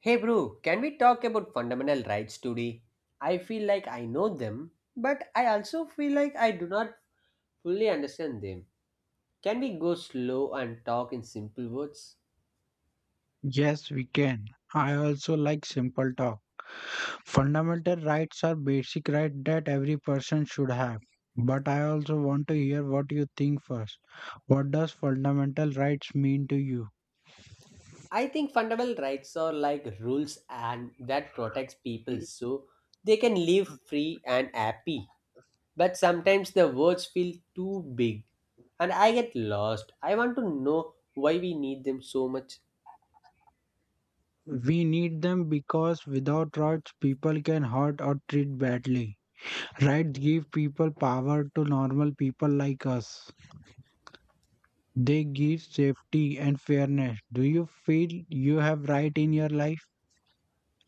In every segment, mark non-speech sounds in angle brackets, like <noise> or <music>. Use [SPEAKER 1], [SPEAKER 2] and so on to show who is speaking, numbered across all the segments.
[SPEAKER 1] Hey bro, can we talk about fundamental rights today? I feel like I know them, but I also feel like I do not fully understand them. Can we go slow and talk in simple words?
[SPEAKER 2] Yes, we can. I also like simple talk. Fundamental rights are basic rights that every person should have. But I also want to hear what you think first. What does fundamental rights mean to you?
[SPEAKER 1] I think fundamental rights are like rules and that protects people so they can live free and happy. But sometimes the words feel too big and I get lost. I want to know why we need them so much.
[SPEAKER 2] We need them because without rights, people can hurt or treat badly. Rights give people power to normal people like us. They give safety and fairness. Do you feel you have right in your life?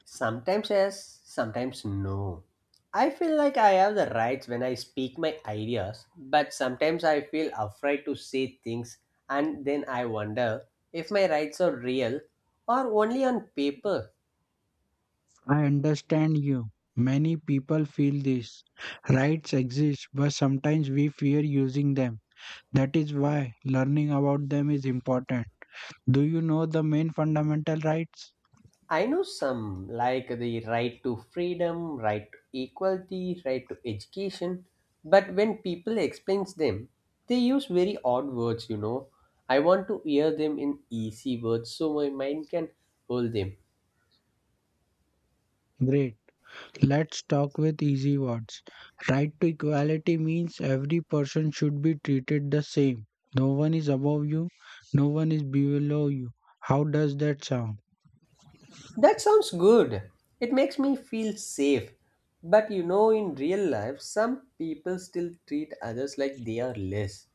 [SPEAKER 1] Sometimes yes, sometimes no. I feel like I have the rights when I speak my ideas, but sometimes I feel afraid to say things and then I wonder if my rights are real or only on paper.
[SPEAKER 2] I understand you. Many people feel this. Rights exist, but sometimes we fear using them. That is why learning about them is important. Do you know the main fundamental rights?
[SPEAKER 1] I know some like the right to freedom, right to equality, right to education, but when people explains them, they use very odd words, you know. I want to hear them in easy words so my mind can hold them.
[SPEAKER 2] Great. Let's talk with easy words. Right to equality means every person should be treated the same. No one is above you, no one is below you. How does that sound?
[SPEAKER 1] That sounds good. It makes me feel safe. But you know, in real life, some people still treat others like they are less.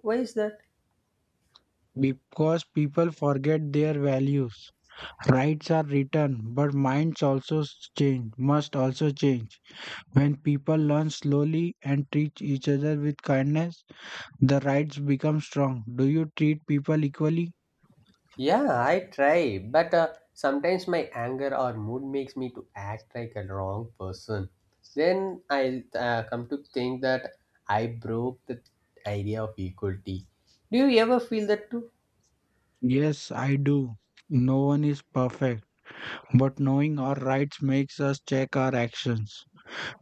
[SPEAKER 1] Why is that?
[SPEAKER 2] Because people forget their values. Rights are written, but minds also change, must also change. When people learn slowly and treat each other with kindness, the rights become strong. Do you treat people equally?
[SPEAKER 1] Yeah, I try, but sometimes my anger or mood makes me to act like a wrong person. Then I come to think that I broke the idea of equality. Do you ever feel that too?
[SPEAKER 2] Yes, I do. No one is perfect, but knowing our rights makes us check our actions.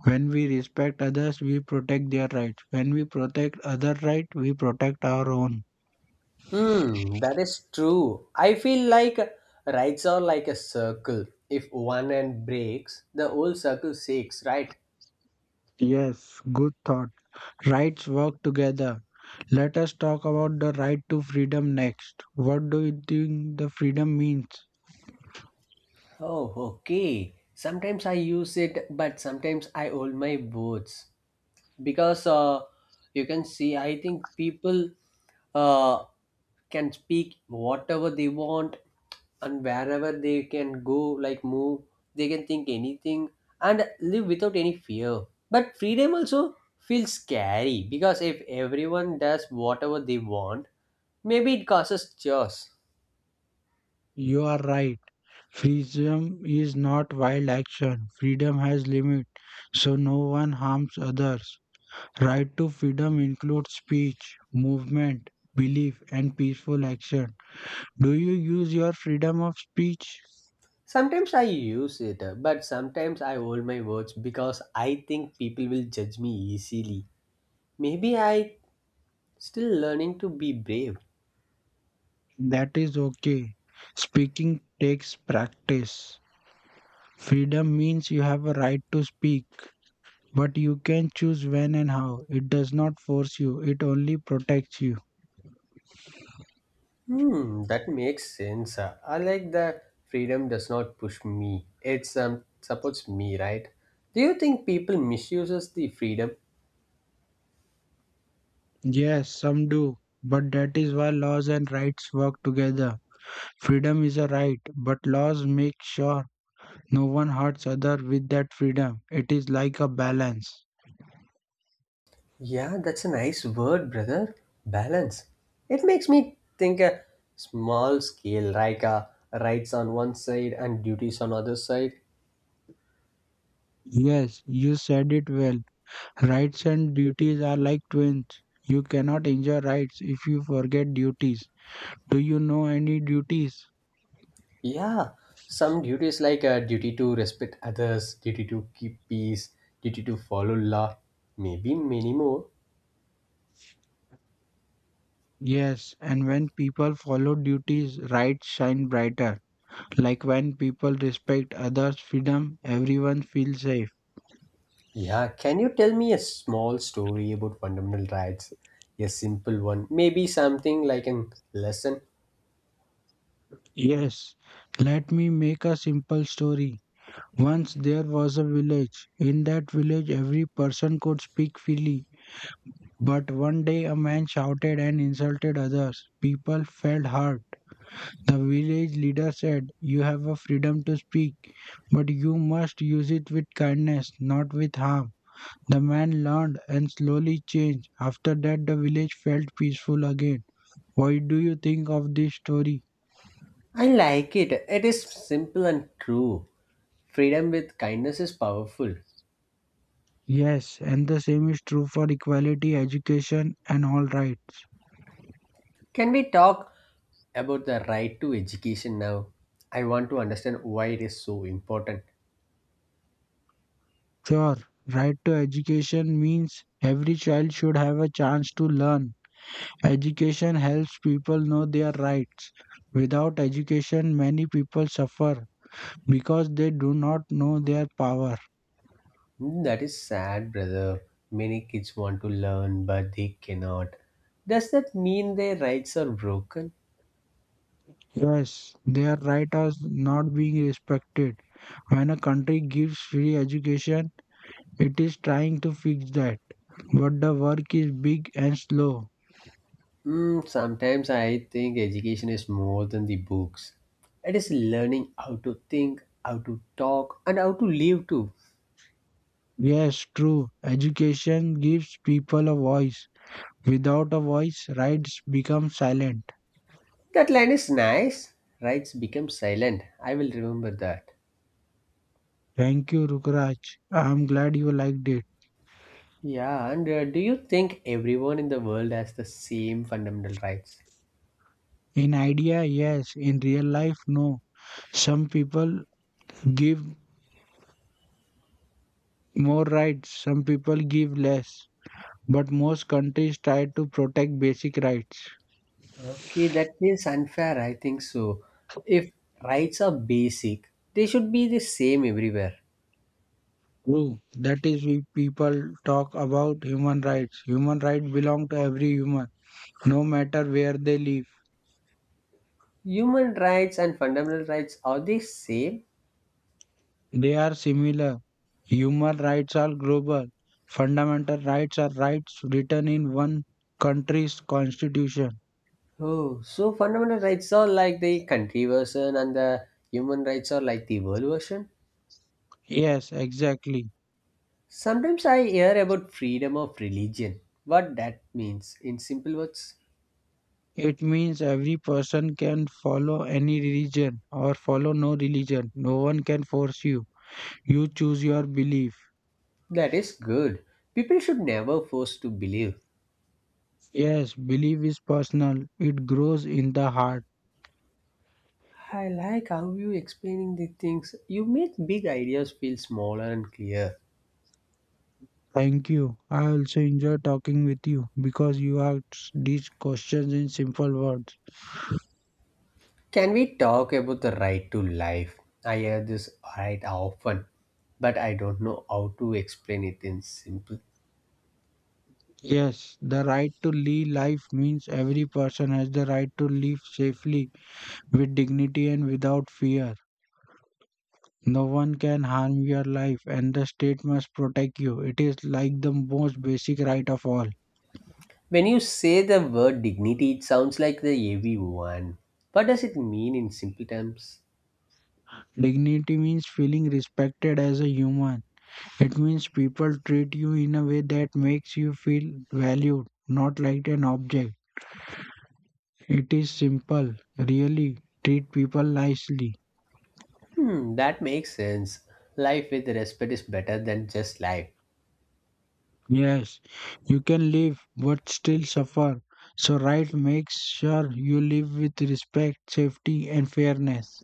[SPEAKER 2] When we respect others, we protect their rights. When we protect other rights, we protect our own.
[SPEAKER 1] Hmm, that is true. I feel like rights are like a circle. If one end breaks, the whole circle shakes, right?
[SPEAKER 2] Yes, good thought. Rights work together. Let us talk about the right to freedom next. What do you think the freedom means?
[SPEAKER 1] Oh, okay. Sometimes I use it, but sometimes I hold my boards. Because you can see I think people uh, can speak whatever they want, and wherever they can go, like move, they can think anything and live without any fear. But freedom also feels scary, because if everyone does whatever they want, maybe it causes chaos.
[SPEAKER 2] You are right. Freedom is not wild action. Freedom has limit, so no one harms others. Right to freedom includes speech, movement, belief, and peaceful action. Do you use your freedom of speech?
[SPEAKER 1] Sometimes I use it, but sometimes I hold my words because I think people will judge me easily. Maybe I still learning to be brave.
[SPEAKER 2] That is okay. Speaking takes practice. Freedom means you have a right to speak, but you can choose when and how. It does not force you, it only protects you.
[SPEAKER 1] Hmm, that makes sense. I like that freedom does not push me. It's supports me, right? Do you think people misuses the freedom?
[SPEAKER 2] Yes, some do. But that is why laws and rights work together. Freedom is a right, but laws make sure no one hurts other with that freedom. It is like a balance.
[SPEAKER 1] Yeah, that's a nice word, brother. Balance. It makes me think a small scale, like, rights on one side and duties on other side.
[SPEAKER 2] Yes, you said it well. Rights and duties are like twins. You cannot enjoy rights if you forget duties. Do you know any duties?
[SPEAKER 1] Yeah, some duties like a duty to respect others, duty to keep peace, duty to follow law, maybe many more.
[SPEAKER 2] Yes, and when people follow duties, rights shine brighter. Like when people respect others' freedom, everyone feels safe.
[SPEAKER 1] Yeah, can you tell me a small story about fundamental rights? A simple one, maybe something like a lesson.
[SPEAKER 2] Yes, let me make a simple story. Once there was a village. In that village, every person could speak freely. But one day, a man shouted and insulted others. People felt hurt. The village leader said, "You have a freedom to speak, but you must use it with kindness, not with harm." The man learned and slowly changed. After that, the village felt peaceful again. What do you think of this story?
[SPEAKER 1] I like it. It is simple and true. Freedom with kindness is powerful.
[SPEAKER 2] Yes, and the same is true for equality, education, and all rights.
[SPEAKER 1] Can we talk about the right to education now? I want to understand why it is so important.
[SPEAKER 2] Sure, right to education means every child should have a chance to learn. Education helps people know their rights. Without education, many people suffer because they do not know their power.
[SPEAKER 1] Hmm, that is sad, brother. Many kids want to learn, but they cannot. Does that mean their rights are broken?
[SPEAKER 2] Yes, their rights are not being respected. When a country gives free education, it is trying to fix that. But the work is big and slow.
[SPEAKER 1] Mm, sometimes I think education is more than the books. It is learning how to think, how to talk, and how to live too.
[SPEAKER 2] Yes, true. Education gives people a voice. Without a voice, rights become silent.
[SPEAKER 1] That line is nice. Rights become silent. I will remember that.
[SPEAKER 2] Thank you, Rukraj. I'm glad you liked it.
[SPEAKER 1] Yeah, and do you think everyone in the world has the same fundamental rights?
[SPEAKER 2] In idea, yes. In real life, no. Some people give more rights, some people give less. But most countries try to protect basic rights.
[SPEAKER 1] Okay, that is unfair. I think so. If rights are basic, they should be the same everywhere.
[SPEAKER 2] True. That is why people talk about human rights. Human rights belong to every human, no matter where they live.
[SPEAKER 1] Human rights and fundamental rights are they same?
[SPEAKER 2] They are similar. Human rights are global. Fundamental rights are rights written in one country's constitution.
[SPEAKER 1] Oh, so fundamental rights are like the country version and the human rights are like the world version.
[SPEAKER 2] Yes, exactly.
[SPEAKER 1] Sometimes I hear about freedom of religion. What that means in simple words?
[SPEAKER 2] It means every person can follow any religion or follow no religion. No one can force you. You choose your belief.
[SPEAKER 1] That is good. People should never force to believe.
[SPEAKER 2] Yes, belief is personal, it grows in the heart.
[SPEAKER 1] I like how you explaining the things. You make big ideas feel smaller and clear.
[SPEAKER 2] Thank you. I also enjoy talking with you because you ask these questions in simple words.
[SPEAKER 1] Can we talk about the right to life? I hear this right often, but I don't know how to explain it in simple.
[SPEAKER 2] Yes, the right to live life means every person has the right to live safely, with dignity and without fear. No one can harm your life, and the state must protect you. It is like the most basic right of all.
[SPEAKER 1] When you say the word dignity, it sounds like the heavy one. What does it mean in simple terms?
[SPEAKER 2] Dignity means feeling respected as a human. It means people treat you in a way that makes you feel valued, not like an object. It is simple, really. Treat people nicely.
[SPEAKER 1] Hmm, that makes sense. Life with respect is better than just life.
[SPEAKER 2] Yes, you can live but still suffer. So, right makes sure you live with respect, safety, and fairness.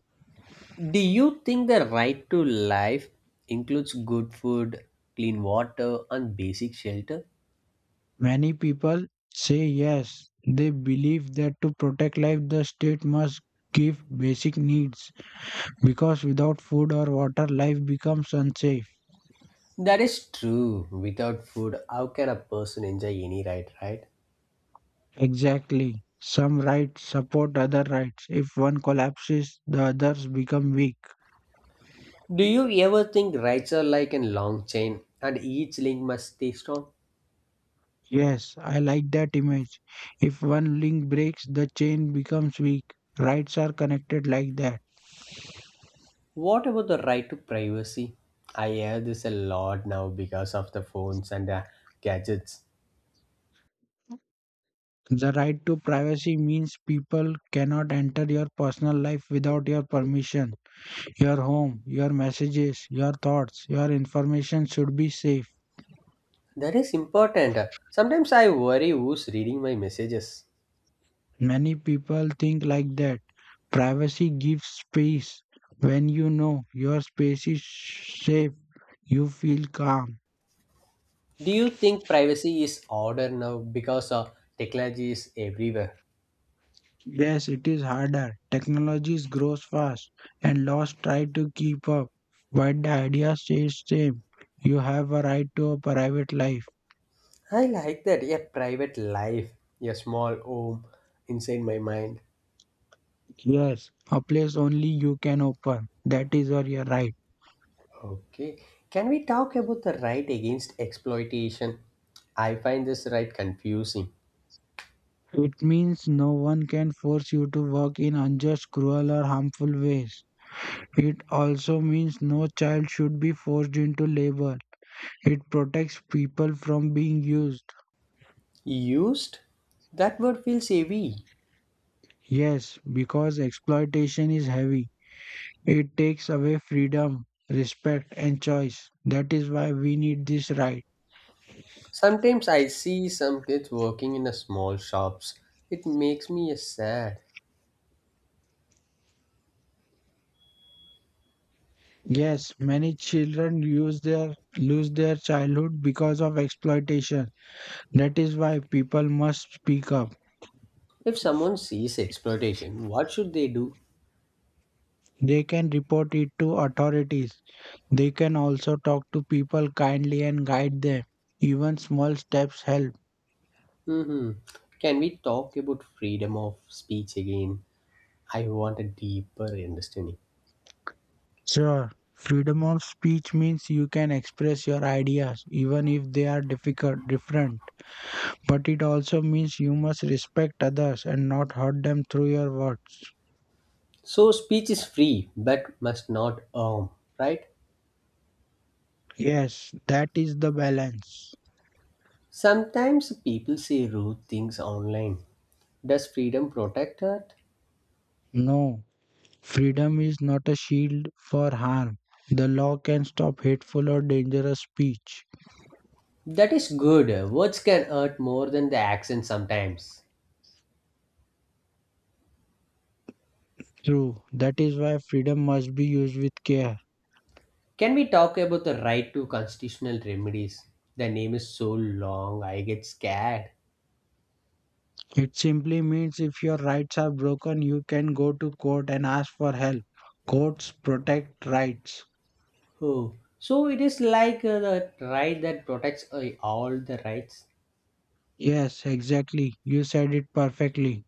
[SPEAKER 1] Do you think the right to life includes good food, clean water, and basic shelter?
[SPEAKER 2] Many people say yes. They believe that to protect life, the state must give basic needs because without food or water, life becomes unsafe.
[SPEAKER 1] That is true. Without food, how can a person enjoy any right, right?
[SPEAKER 2] Exactly. Some rights support other rights. If one collapses, the others become weak.
[SPEAKER 1] Do you ever think rights are like a long chain and each link must stay strong?
[SPEAKER 2] Yes, I like that image. If one link breaks, the chain becomes weak. Rights are connected like that.
[SPEAKER 1] What about the right to privacy? I hear this a lot now because of the phones and, gadgets.
[SPEAKER 2] The right to privacy means people cannot enter your personal life without your permission. Your home, your messages, your thoughts, your information should be safe.
[SPEAKER 1] That is important. Sometimes I worry who's reading my messages.
[SPEAKER 2] Many people think like that. Privacy gives space. When you know your space is safe, you feel calm.
[SPEAKER 1] Do you think privacy is order now because technology is everywhere?
[SPEAKER 2] Yes, it is harder. Technologies grows fast and laws try to keep up, but the idea stays same. You have a right to a private life.
[SPEAKER 1] I like that. A private life, a small home inside my mind.
[SPEAKER 2] Yes, a place only you can open. That is your right.
[SPEAKER 1] Okay. Can we talk about the right against exploitation? I find this right confusing.
[SPEAKER 2] It means no one can force you to work in unjust, cruel or harmful ways. It also means no child should be forced into labor. It protects people from being used.
[SPEAKER 1] Used? That word feels heavy.
[SPEAKER 2] Yes, because exploitation is heavy. It takes away freedom, respect, and choice. That is why we need this right.
[SPEAKER 1] Sometimes I see some kids working in a small shops. It makes me sad.
[SPEAKER 2] Yes, many children use their lose their childhood because of exploitation. That is why people must speak up.
[SPEAKER 1] If someone sees exploitation, what should they do?
[SPEAKER 2] They can report it to authorities. They can also talk to people kindly and guide them. Even small steps help.
[SPEAKER 1] Hmm. Can we talk about freedom of speech again? I want a deeper understanding.
[SPEAKER 2] Sure, freedom of speech means you can express your ideas even if they are difficult different. But it also means you must respect others and not hurt them through your words.
[SPEAKER 1] So speech is free but must not harm, right?
[SPEAKER 2] Yes, that is the balance.
[SPEAKER 1] Sometimes people say rude things online. Does freedom protect that?
[SPEAKER 2] No, freedom is not a shield for harm. The law can stop hateful or dangerous speech.
[SPEAKER 1] That is good. Words can hurt more than the action sometimes.
[SPEAKER 2] True, that is why freedom must be used with care.
[SPEAKER 1] Can we talk about the right to constitutional remedies? The name is so long, I get scared.
[SPEAKER 2] It simply means if your rights are broken, you can go to court and ask for help. Courts protect rights.
[SPEAKER 1] Oh, so it is like, the right that protects, all the rights.
[SPEAKER 2] Yes, exactly. You said it perfectly.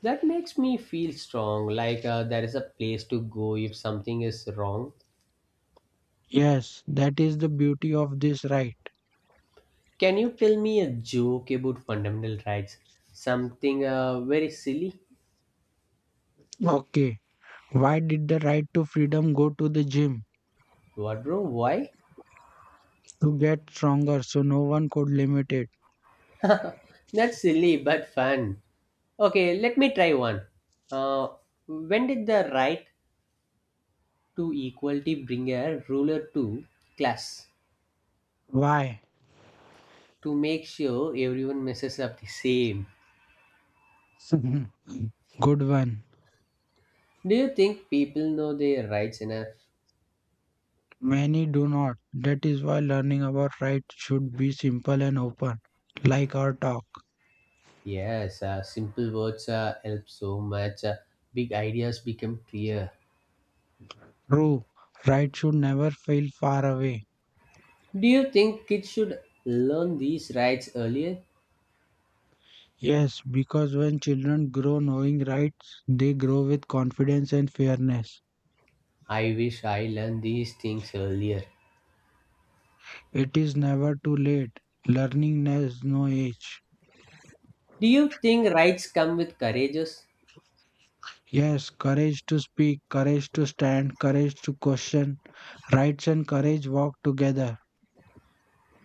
[SPEAKER 1] That makes me feel strong, like, there is a place to go if something is wrong.
[SPEAKER 2] Yes, that is the beauty of this right.
[SPEAKER 1] Can you tell me a joke about fundamental rights? Something, very silly?
[SPEAKER 2] Okay, why did the right to freedom go to the gym?
[SPEAKER 1] What, bro? Why?
[SPEAKER 2] To get stronger so no one could limit it.
[SPEAKER 1] That's silly but fun. Okay, let me try one. Uh, when did the right to equality bring a ruler to class?
[SPEAKER 2] Why?
[SPEAKER 1] To make sure everyone messes up the same.
[SPEAKER 2] <laughs> Good one.
[SPEAKER 1] Do you think people know their rights enough?
[SPEAKER 2] Many do not. That is why learning about right should be simple and open, like our talk.
[SPEAKER 1] Yes, simple words help so much. Big ideas become clear.
[SPEAKER 2] True, right should never feel far away.
[SPEAKER 1] Do you think kids should learn these rights earlier?
[SPEAKER 2] Yes, because when children grow knowing rights, they grow with confidence and fairness.
[SPEAKER 1] I wish I learned these things earlier.
[SPEAKER 2] It is never too late. Learning has no age.
[SPEAKER 1] Do you think rights come with courageous?
[SPEAKER 2] Yes, courage to speak, courage to stand, courage to question. Rights and courage walk together.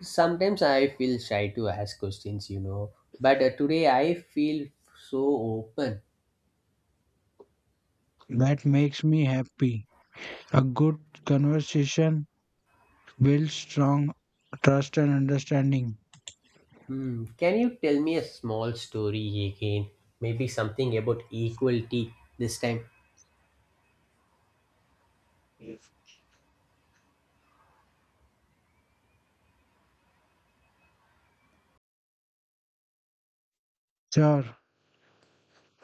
[SPEAKER 1] Sometimes I feel shy to ask questions, you know, but today I feel so open.
[SPEAKER 2] That makes me happy. A good conversation builds strong trust and understanding.
[SPEAKER 1] Hmm, can you tell me a small story again? Maybe something about equality this time.
[SPEAKER 2] Sure,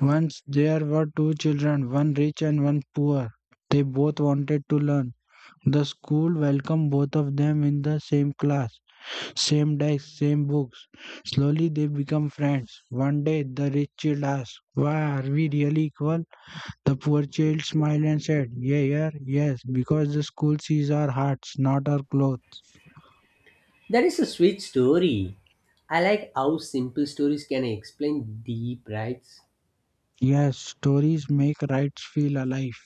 [SPEAKER 2] once there were two children, one rich and one poor. They both wanted to learn. The school welcomed both of them in the same class. Same desk, same books. Slowly they become friends. One day the rich child asks, "Why are we really equal?" The poor child smiled and said, Yes, because the school sees our hearts, not our clothes."
[SPEAKER 1] That is a sweet story. I like how simple stories can explain deep rights.
[SPEAKER 2] Yes, stories make rights feel alive.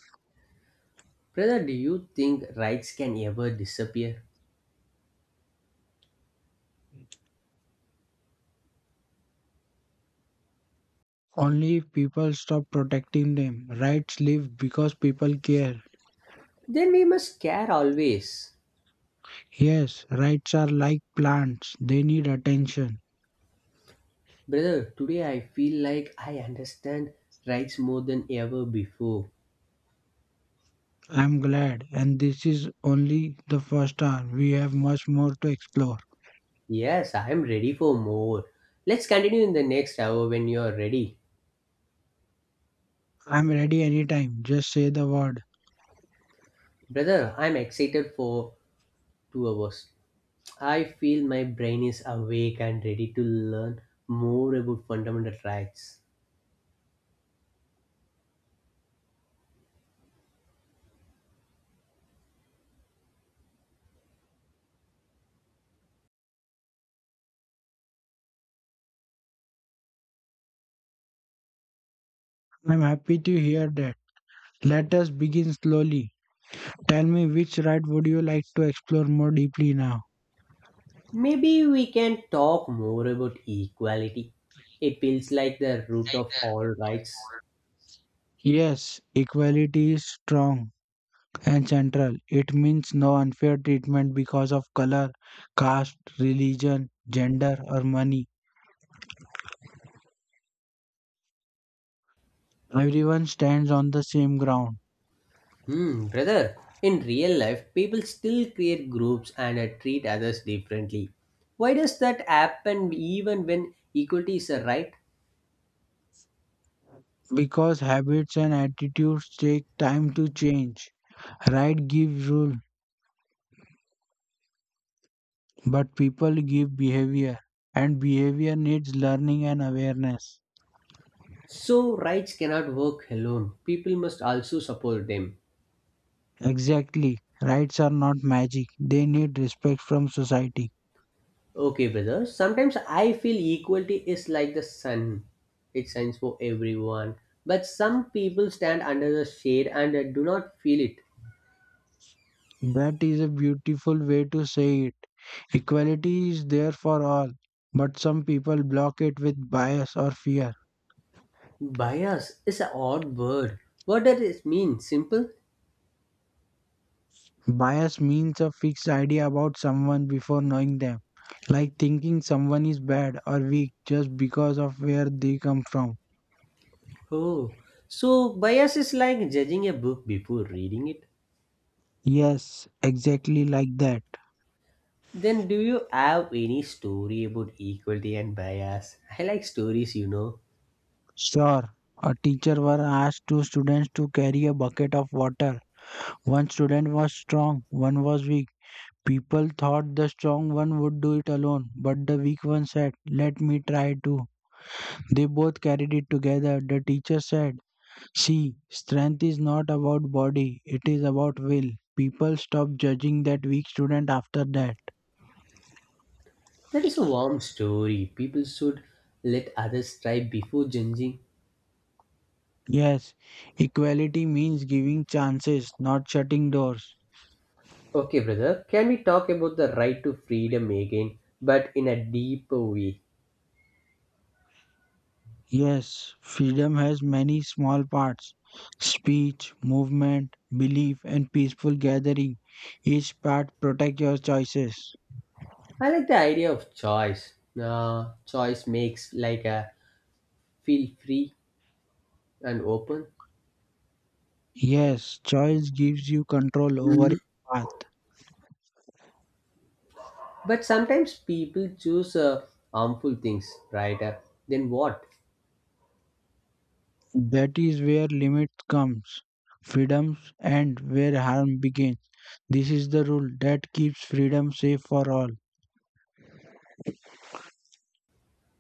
[SPEAKER 1] Brother, do you think rights can ever disappear?
[SPEAKER 2] Only if people stop protecting them. Rights live because people care.
[SPEAKER 1] Then we must care always.
[SPEAKER 2] Yes, rights are like plants, they need attention.
[SPEAKER 1] Brother, today I feel like I understand rights more than ever before.
[SPEAKER 2] I'm glad, and this is only the first hour. We have much more to explore.
[SPEAKER 1] Yes, I am ready for more. Let's continue in the next hour when you are ready.
[SPEAKER 2] I'm ready anytime. Just say the word.
[SPEAKER 1] Brother, I'm excited for 2 hours. I feel my brain is awake and ready to learn more about fundamental rights.
[SPEAKER 2] I'm happy to hear that. Let us begin slowly. Tell me, which right would you like to explore more deeply now?
[SPEAKER 1] Maybe we can talk more about equality. It feels like the root of all rights.
[SPEAKER 2] Yes, equality is strong and central. It means no unfair treatment because of color, caste, religion, gender, or money. Everyone stands on the same ground.
[SPEAKER 1] Hmm, brother, in real life, people still create groups and, treat others differently. Why does that happen even when equality is a right?
[SPEAKER 2] Because habits and attitudes take time to change. Right gives rule, but people give behavior, and behavior needs learning and awareness.
[SPEAKER 1] So, rights cannot work alone. People must also support them.
[SPEAKER 2] Exactly. Rights are not magic, they need respect from society.
[SPEAKER 1] Okay, brother. Sometimes I feel equality is like the sun. It shines for everyone. But some people stand under the shade and, do not feel it.
[SPEAKER 2] That is a beautiful way to say it. Equality is there for all, but some people block it with bias or fear.
[SPEAKER 1] Bias is an odd word. What does it mean? Simple?
[SPEAKER 2] Bias means a fixed idea about someone before knowing them, like thinking someone is bad or weak just because of where they come from.
[SPEAKER 1] Oh, so bias is like judging a book before reading it.
[SPEAKER 2] Yes, exactly like that.
[SPEAKER 1] Then do you have any story about equality and bias? I like stories, you know.
[SPEAKER 2] Sure. A teacher were asked two students to carry a bucket of water. One student was strong, one was weak. People thought the strong one would do it alone, but the weak one said, "Let me try too." They both carried it together. The teacher said, "See, strength is not about body, it is about will." People stopped judging that weak student after that.
[SPEAKER 1] That is a warm story. People should let others try before judging.
[SPEAKER 2] Yes, equality means giving chances, not shutting doors.
[SPEAKER 1] Okay, brother, can we talk about the right to freedom again, but in a deeper way?
[SPEAKER 2] Yes, freedom has many small parts: speech, movement, belief, and peaceful gathering. Each part protects your choices.
[SPEAKER 1] I like the idea of choice. Choice makes like a feel free and open,
[SPEAKER 2] Yes, choice gives you control over your path.
[SPEAKER 1] but sometimes people choose, harmful things, right? Then what?
[SPEAKER 2] That is where limit comes, freedoms end where harm begins. This is the rule that keeps freedom safe for all.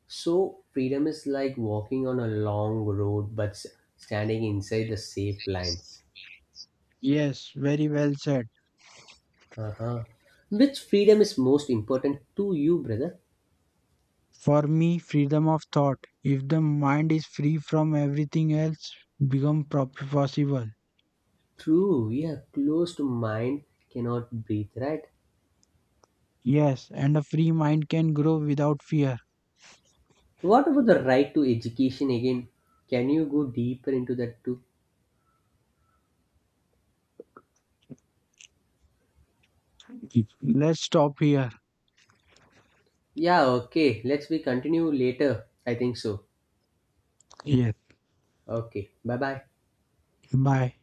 [SPEAKER 1] So freedom is like walking on a long road, but standing inside the safe lines.
[SPEAKER 2] Yes, very well said.
[SPEAKER 1] Uh-huh. Which freedom is most important to you, brother?
[SPEAKER 2] For me, freedom of thought. If the mind is free from everything else, become possible.
[SPEAKER 1] True, yeah, closed mind cannot breathe, right?
[SPEAKER 2] Yes, and a free mind can grow without fear.
[SPEAKER 1] What about the right to education again? Can you go deeper into that too?
[SPEAKER 2] Let's stop here.
[SPEAKER 1] Yeah, okay, let's we continue later. I think so.
[SPEAKER 2] Yes.
[SPEAKER 1] Okay, bye bye.
[SPEAKER 2] Bye.